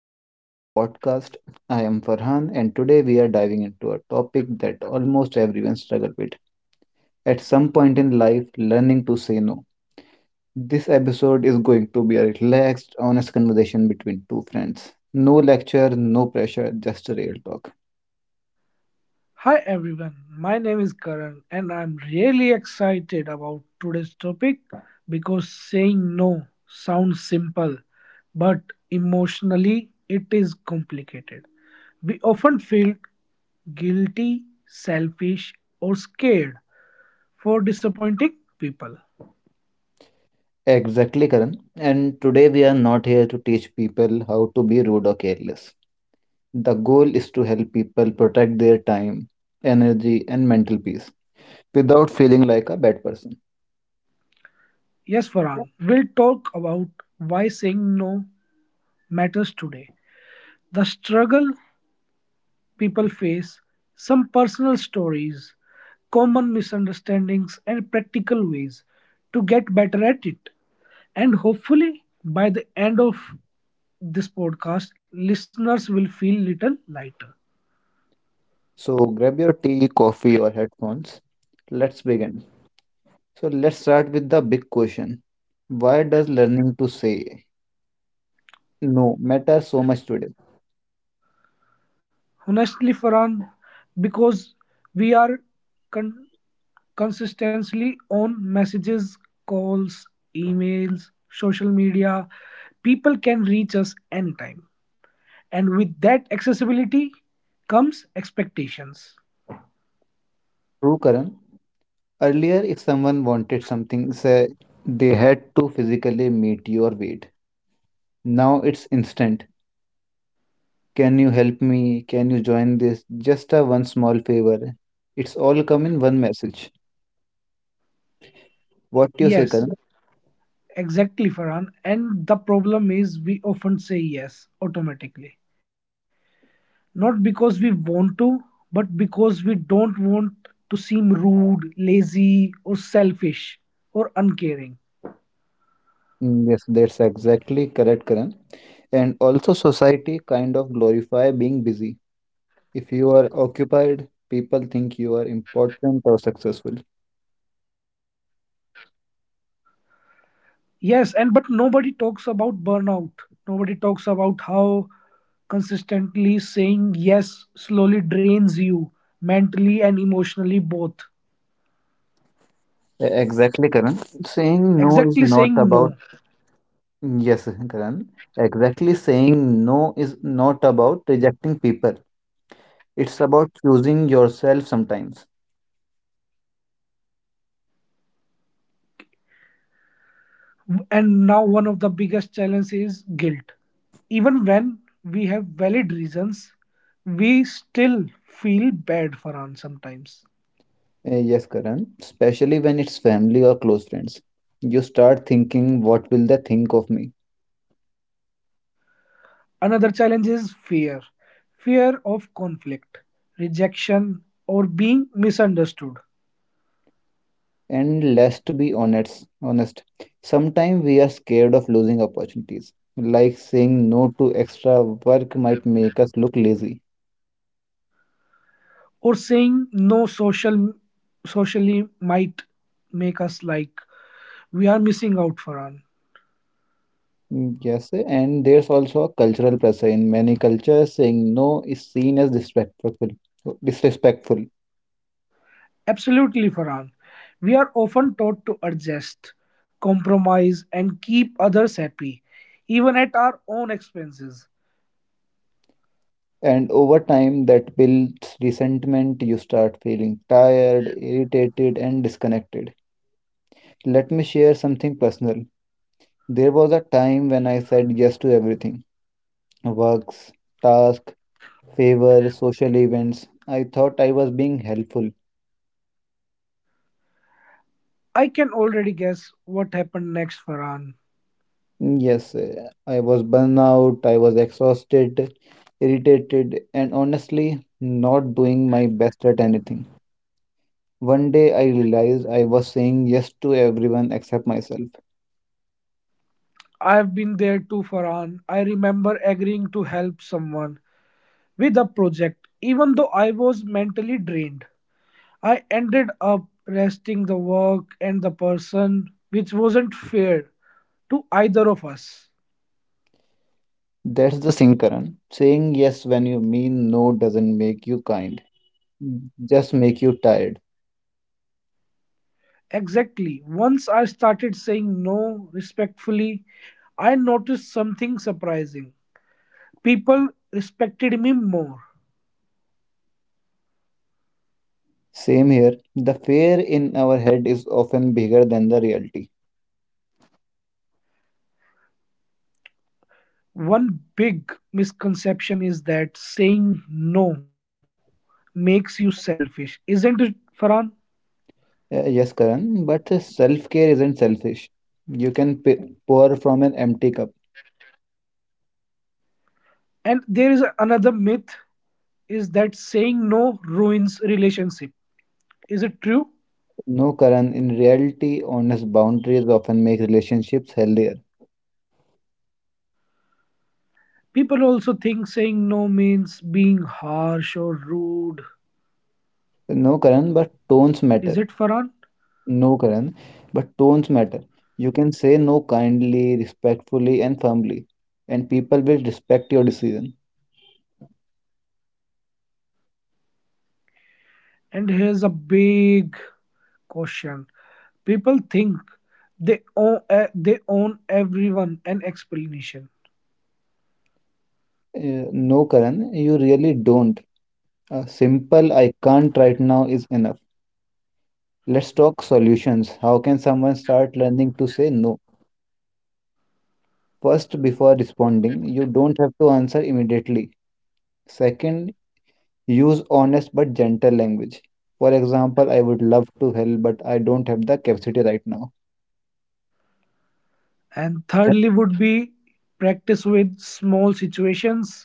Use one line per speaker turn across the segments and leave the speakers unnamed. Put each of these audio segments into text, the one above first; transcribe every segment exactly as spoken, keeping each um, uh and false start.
welcome to the podcast. I am Farhan, and today we are diving into a topic that almost everyone struggles with. At some point in life, learning to say no. This episode is going to be a relaxed, honest conversation between two friends. No lecture, no pressure, just a real talk.
Hi everyone, my name is Karan and I'm really excited about today's topic because saying no sounds simple but emotionally it is complicated. We often feel guilty, selfish, or scared for disappointing people.
Exactly, Karan. And today we are not here to teach people how to be rude or careless. The goal is to help people protect their time, energy, and mental peace without feeling like a bad person.
Yes,
Yeah.
Farhan, we'll talk about why saying no matters today, the struggle people face, some personal stories, common misunderstandings, and practical ways to get better at it. And hopefully, by the end of this podcast, listeners will feel little lighter.
So grab your tea, coffee, or headphones. Let's begin. So let's start with the big question. Why does learning to say no matter so much today?
Honestly, Farhan, because we are con- consistently on messages, calls, emails, social media, people can reach us anytime. And with that accessibility comes expectations.
True, Karan. Earlier, if someone wanted something, say they had to physically meet you or wait. Now it's instant. Can you help me? Can you join this? Just a one small favor. It's all come in one message. What do you say,
Yes,
Karan?
exactly, Farhan. And the problem is we often say yes automatically, not because we want to, but because we don't want to seem rude, lazy, or selfish, or uncaring.
Mm, Yes, that's exactly correct, Karan. And also, society kind of glorify being busy. If you are occupied, people think you are important or successful.
Yes, and but nobody talks about burnout. Nobody talks about how consistently saying yes slowly drains you mentally and emotionally both.
E- Exactly, Karan.
Exactly,
Saying no
saying
is
no.
not about, mm, yes, Karan. Exactly, saying no is not about rejecting people. It's about choosing yourself sometimes.
And now one of the biggest challenges is guilt. Even when we have valid reasons, we still feel bad. For an sometimes
Eh, Yes, Karan. Especially when it's family or close friends. You start thinking, what will they think of me?
another challenge is fear. Fear of conflict, rejection, or being misunderstood,
And let's be honest, honest. Sometimes we are scared of losing opportunities. Like saying no to extra work might make us look lazy.
or saying no social socially might make us like we are missing out. For an
Mm, Yes, and there's also a cultural pressure. In many cultures, saying no is seen as disrespectful, disrespectful.
absolutely, Farhan. We are often taught to adjust, compromise, and keep others happy, even at our own expenses.
And over time, that builds resentment. You start feeling tired, irritated, and disconnected. Let me share something personal. There was a time when I said yes to everything works, tasks favor, social events. I thought I was being helpful.
I can already guess what happened next, Farhan.
Yes, eh, I was burnout, I was exhausted, irritated, and honestly not doing my best at anything. One day I realized I was saying yes to everyone except myself.
I have been there too, Farhan. I remember agreeing to help someone with a project, even though I was mentally drained. I ended up resting the work and the person, which wasn't fair to either of us.
That's the Sinkaran. Saying yes when you mean no doesn't make you kind, just make you tired.
Exactly. Once I started saying no respectfully, I noticed something surprising. People respected me more.
Same here. The fear in our head is often bigger than the reality.
One big misconception is that saying no makes you selfish, isn't it, Farhan?
Uh, yes, Karan, but self-care isn't selfish. You can p- pour from an empty cup.
And there is another myth is that saying no ruins relationship. Is it true?
No, Karan, in reality, honest boundaries often make relationships healthier.
People also think saying no means being harsh or rude.
No, Karan, but tones
Is
matter.
it, Farhan?
No, Karan, but tones matter. You can say no kindly, respectfully, and firmly, and people will respect your decision.
And here's a big question: people think they own eh, they own everyone an explanation.
Uh, no, Karan, you really don't. A simple I can't right now is enough. Let's talk solutions. How can someone start learning to say no? First, before responding, you don't have to answer immediately. Second, use honest but gentle language. For example, I would love to help, but I don't have the capacity right now.
And
Th-
thirdly would be practice with small situations.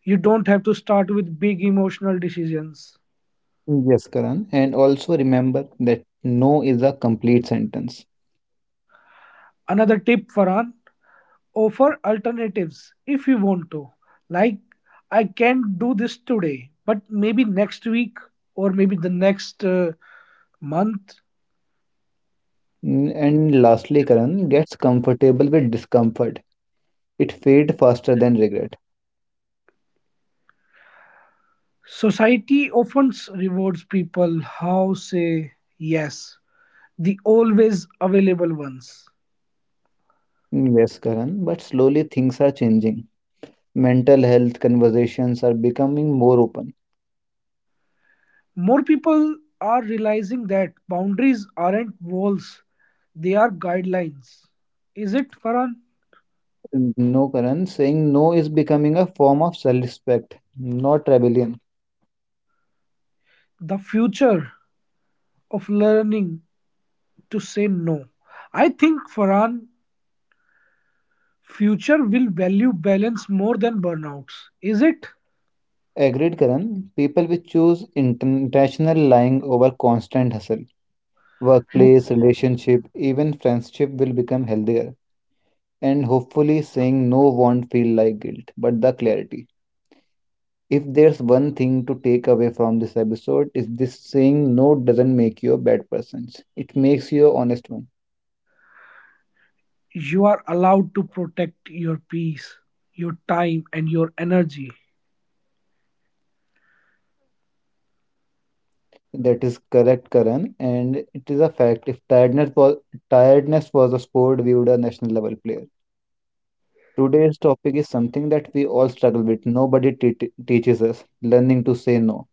You don't have to start with big emotional decisions.
Yes, Karan. And also remember that no is a complete sentence.
Another tip, Farhan, offer alternatives if you want to. Like, I can't do this today, but maybe next week or maybe the next uh, month.
Mm, And lastly, Karan gets comfortable with discomfort. It fades faster than regret.
Society often rewards people how say yes, the always available ones.
Mm, Yes, Karan, but slowly things are changing. Mental health conversations are becoming more open.
More people are realizing that boundaries aren't walls, they are guidelines. Is it, Farhan?
No, Karan, saying no is becoming a form of self-respect, not rebellion.
The future of learning to say no. I think, Farhan, future will value balance more than burnouts. Is it?
Agreed, Karan. People will choose intentional lying over constant hustle.
W-
Workplace, relationship, even friendship will become healthier. And hopefully, saying no won't feel like guilt, but the clarity. If there's one thing to take away from this episode, is this saying no doesn't make you a bad person. It makes you an honest one.
You are allowed to protect your peace, your time, and your energy.
That is correct, Karan, and it is a fact. If tiredness was tiredness was a sport viewed a national level player. Today's topic is something that we all struggle with. Nobody te- teaches us learning to say no.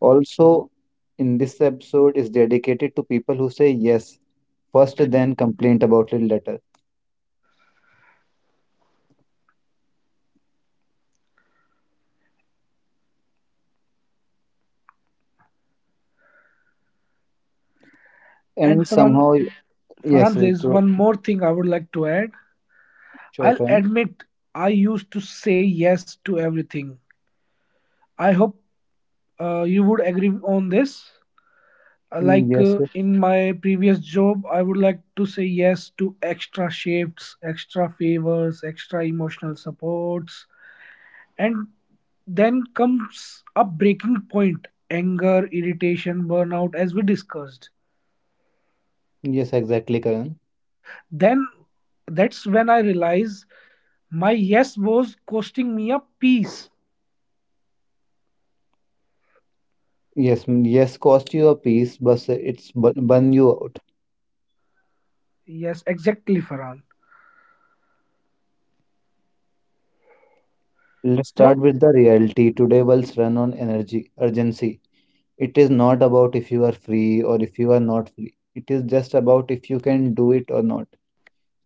Also, in this episode is dedicated to people who say yes first, then complain about it later.
And
And
Farhan,
somehow, yes,
Farhan,
uh,
there's
to
one more thing I would like to add.
sure,
I'll
Karan.
admit I used to say yes to everything. I hope uh, you would agree on this. Uh,
Mm,
Like,
Yes,
uh,
sir.
in my previous job, I would like to say yes to extra shifts, extra favors, extra emotional supports, and then comes a breaking point: anger, irritation, burnout, as we discussed.
Yes, exactly, Karan.
Then that's when I realized my yes was costing me a piece.
Yes, mm, yes, cost you a piece, but uh, it's bu- burn you out.
Yes, exactly, Farhan.
Let's start
So
with the reality. Today, worlds run on energy urgency. It is not about if you are free or if you are not free. It is just about if you can do it or not.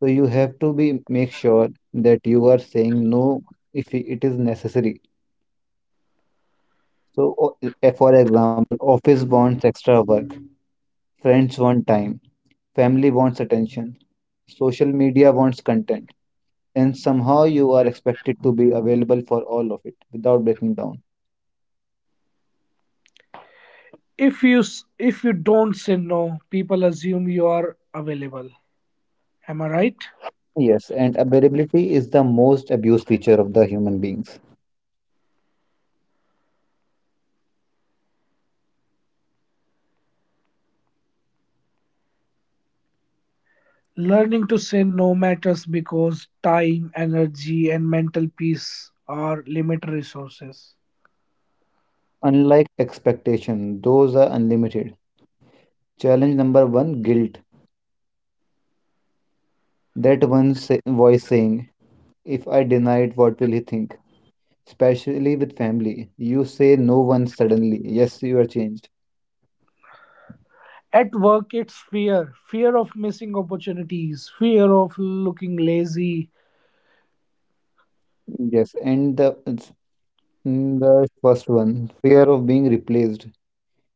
So you have to be make sure that you are saying no if i- it is necessary. So, o- eh, for example, office wants extra work, friends want time, family wants attention, social media wants content, and somehow you are expected to be available for all of it without breaking down.
If you s- if you don't say no, people assume you are available. Am I right?
Yes, and availability is the most abused feature of the human beings.
Learning to say no matters because time, energy, and mental peace are limited resources.
Unlike expectation, those are unlimited. Challenge number one guilt. That one sa- voice saying, If I deny it, what will he think? Especially with family. You say no once suddenly. Yes, you are changed.
At work, it's fear fear of missing opportunities, fear of looking lazy.
Yes, and the, it's- mm, the first one fear of being replaced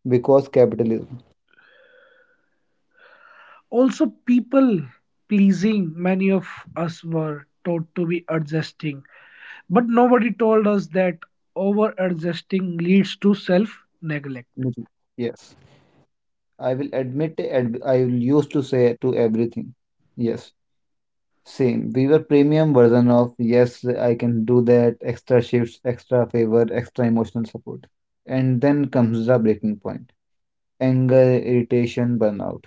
because capitalism.
Also, people pleasing, many of us were taught to be adjusting, but nobody told us that over adjusting leads to self neglect.
Mhm. Yes, I will admit, ad- I will used to say to everything. Yes. Same. We were premium version of yes, I can do that, extra shifts, extra favor, extra emotional support. And then comes the breaking point. Anger, irritation, burnout.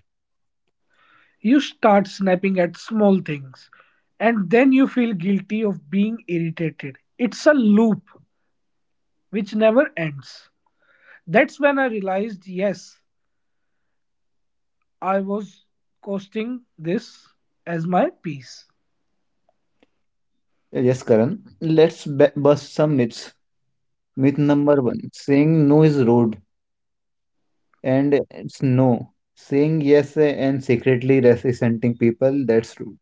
You start snapping at small things, and then you feel guilty of being irritated. It's a loop which never ends. That's when I realized yes, I was costing this as my peace.
Yes, Karan. Let's b bust some myths. Myth number one, saying no is rude and it's no. Saying yes and secretly resenting people, that's rude.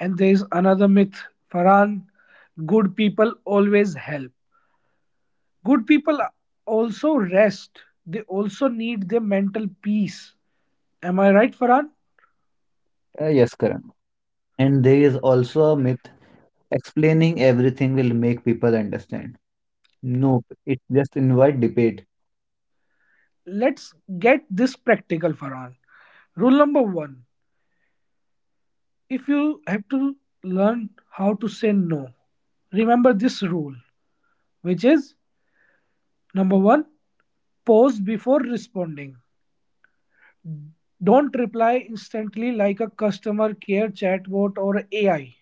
And there's another myth, Farhan, good people always help. Good people also rest, they also need their mental peace. Am I right, Farhan?
Uh, yes, Karan. And there is also a myth, explaining everything will make people understand. Nope. It just invite debate.
Let's get this practical, Farhan. Rule number one, if you have to learn how to say no, remember this rule, which is number one, pause before responding. Don't reply instantly like a customer care chatbot or A I.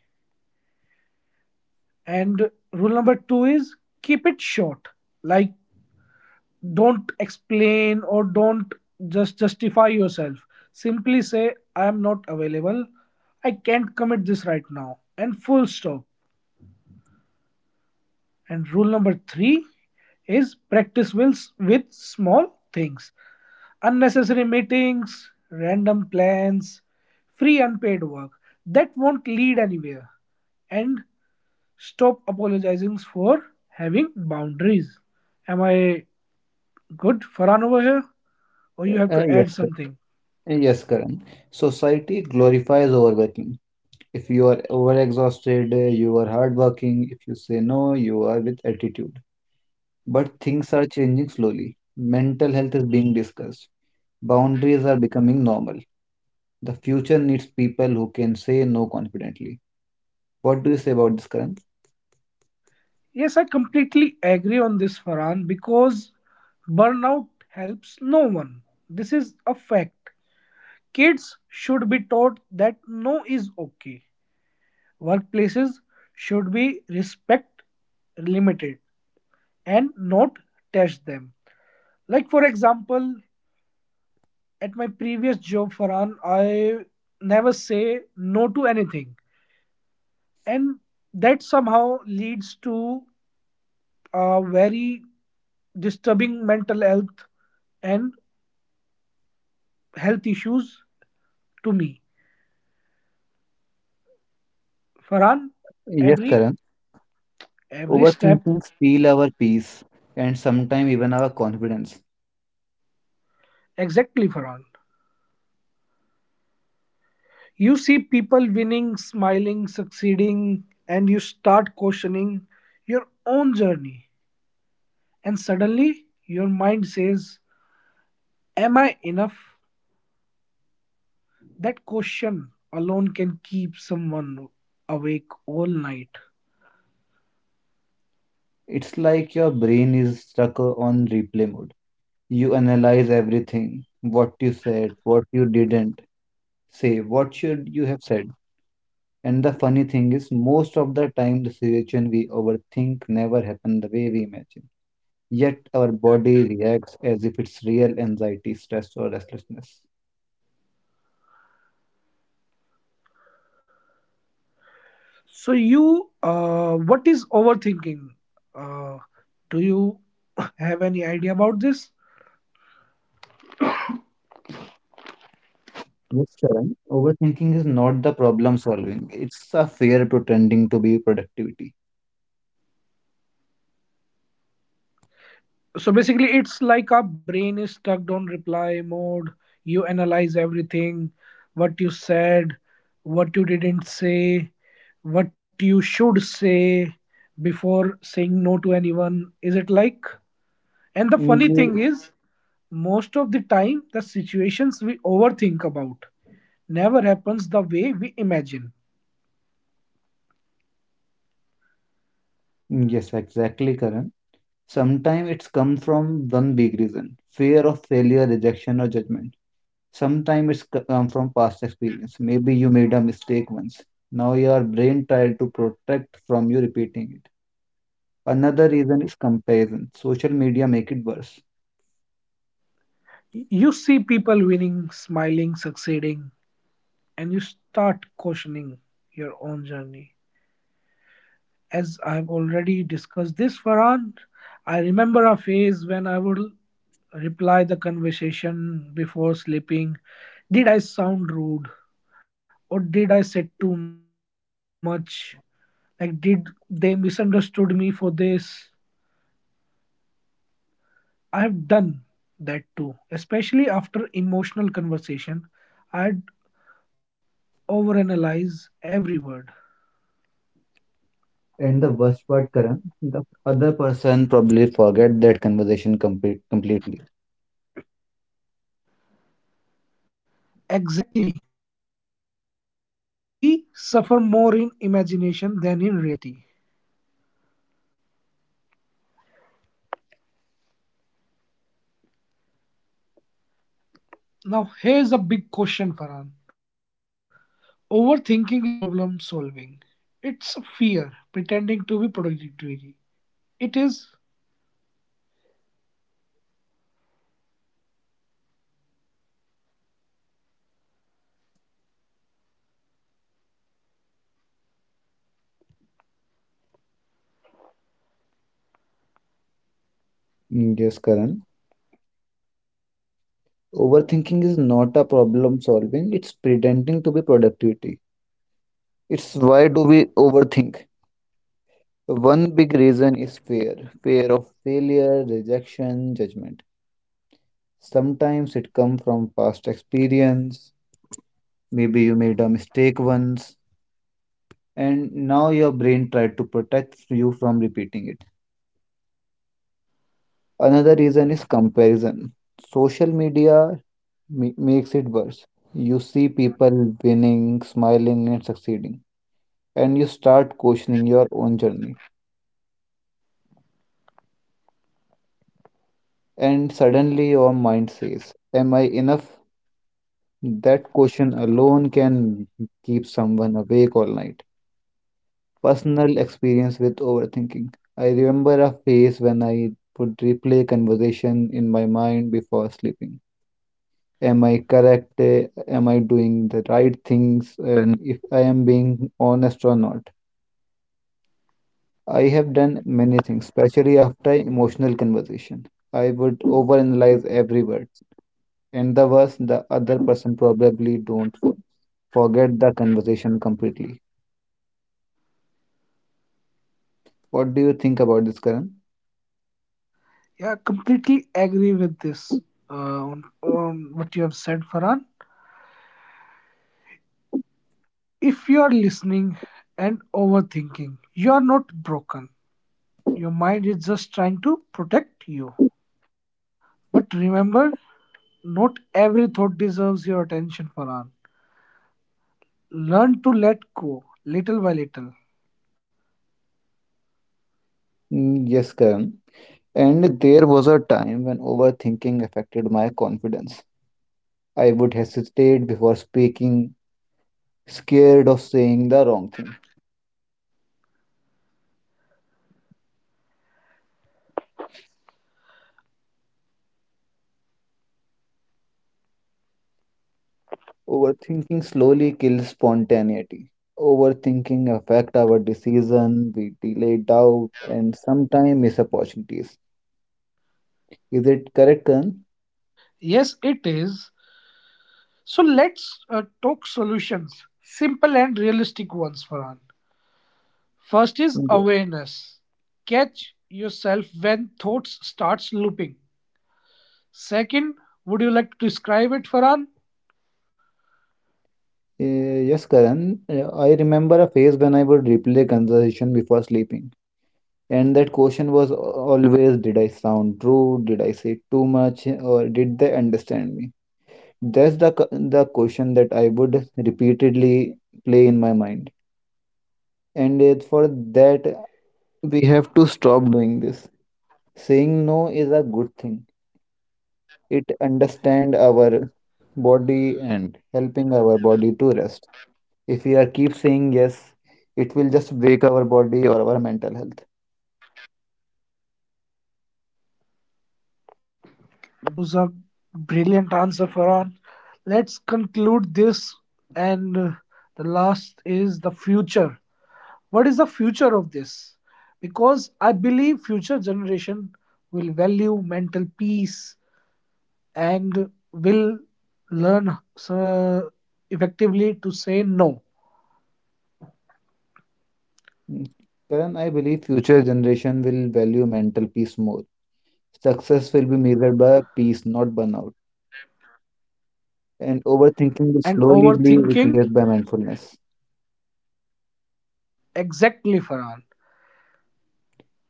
And rule number two is keep it short. Like don't explain or don't just justify yourself. Simply say, I am not available. I can't commit this right now. And full stop. And rule number three is practice wills with small things. Unnecessary meetings, random plans, free unpaid work that won't lead anywhere. And stop apologizing for having boundaries. Am I good, Farhan, over here? Or you have
Uh,
to add
yes,
something?
Kar- yes, Karan. Society glorifies overworking. If you are overexhausted, uh, you are hardworking. If you say no, you are with attitude. But things are changing slowly. Mental health is being discussed. Boundaries are becoming normal. The future needs people who can say no confidently. What do you say about this, Karan?
Yes, I completely agree on this, Farhan, because burnout helps no one. This is a fact. Kids should be taught that no is okay. Workplaces should be respect limited and not test them. Like for example, at my previous job, Farhan, I never say no to anything, and that somehow leads to a very disturbing mental health and health issues to me. Farhan,
Yes,
every
Karan.
every step
Overthinking steal our peace and sometimes even our confidence.
exactly Farhan. You see people winning, smiling, succeeding, and you start questioning your own journey. And suddenly, your mind says, am I enough? That question alone can keep someone awake all night.
It's like your brain is stuck on replay mode. You analyze everything, what you said, what you didn't say, what should you have said. And the funny thing is, most of the time, the situation we overthink never happen the way we imagine. Yet our body reacts as if it's real anxiety, stress, or restlessness.
So, you, uh, what is overthinking? Uh, do you have any idea about this?
Yes, Sharon. Overthinking is not the problem solving. It's a fear pretending to be productivity.
So basically it's like our brain is stuck on reply mode. You analyze everything, what you said, what you didn't say, what you should say before saying no to anyone. Is it like, and the funny
Ye-
thing is, most of the time the situations we overthink about never happens the way we imagine.
Yes, exactly, Karan. Sometimes it's come from one big reason, fear of failure, rejection, or judgment. Sometimes it's c- come from past experience. Maybe you made a mistake once. Now your brain tried to protect from you repeating it. Another reason is comparison. Social media make it worse.
You see people winning, smiling, succeeding, and you start questioning your own journey. As I've already discussed this, Farhan, I remember a phase when I would reply the conversation before sleeping. Did I sound rude? Or did I say too much? Like, did they misunderstood me for this? I have done that too, especially after emotional conversation. I'd overanalyze every word.
And the worst part, Karan, the other person probably forget that conversation complete, completely.
Exactly. We suffer more in imagination than in reality. Now here's a big question, Farhan. Overthinking is not problem solving. It's a fear pretending to be productivity. It is.
Mm, Yes, Karan. Overthinking is not a problem solving, it's pretending to be productivity. It's why do we overthink? One big reason is fear fear of failure, rejection, judgment. Sometimes it comes from past experience, maybe you made a mistake once and now your brain tried to protect you from repeating it. Another reason is comparison. Social media ma- makes it worse. You see people winning, smiling and succeeding, and you start questioning your own journey, and suddenly your mind says, am I enough? That question alone can keep someone awake all night. Personal experience with overthinking. I remember a phase when I would replay conversation in my mind before sleeping. Am I correct? Eh, Am I doing the right things? And if I am being honest or not. I have done many things, especially after emotional conversation. I would overanalyze every word. And the worst, the other person probably don't fo- forget the conversation completely. What do you think about this, Karan?
Yeah, completely agree with this uh, on, on what you have said, Farhan. If you are listening and overthinking, you are not broken. Your mind is just trying to protect you. But remember, not every thought deserves your attention, Farhan. Learn to let go, little by little.
Mm, Yes, Karan. And there was a time when overthinking affected my confidence. I would hesitate before speaking, scared of saying the wrong thing. Overthinking slowly kills spontaneity. Overthinking affect our decision, we delay doubt, and sometimes miss opportunities. Is it correct, Karan?
Yes, it is. So let's uh, talk solutions, simple and realistic ones, Farhan. First is
Yeah.
awareness. Catch yourself when thoughts starts looping. Second, would you like to describe it, Farhan?
Uh, yes, Karan. Uh, I remember a phase when I would replay conversation before sleeping. And that question was always, did I sound rude? Did I say too much? Or did they understand me? That's the, q- the question that I would repeatedly play in my mind. And it, for that, we have to stop doing this. Saying no is a good thing, it understand our body and helping our body to rest. If we are keep saying yes, it will just break our body or our mental health.
That was a brilliant answer, Farhan. Let's conclude this, and uh, the last is the future. What is the future of this? Because I believe future generation will value mental peace and will learn uh, effectively to say no
Mm, Karan, I believe future generation will value mental peace more. Success will be measured by peace, not burnout. And overthinking will
and
slowly be
overthinking.
replaced by mindfulness.
Exactly, Farhan.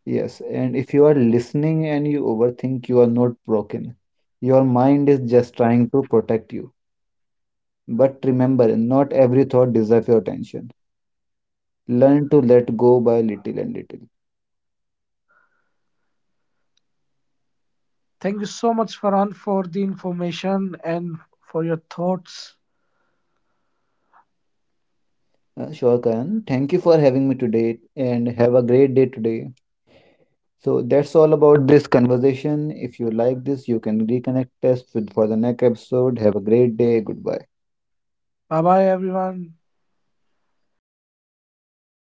Yes, and if you are listening and you overthink, you are not broken. Your mind is just trying to protect you. But remember, not every thought deserves your attention. Learn to let go by little and little.
Thank you so much, Farhan, for the information and for your thoughts.
Uh, sure, Karan. Thank you for having me today and have a great day today. So that's all about this conversation. If you like this, you can reconnect us with for the next episode. Have a great day. Goodbye.
Bye bye, everyone.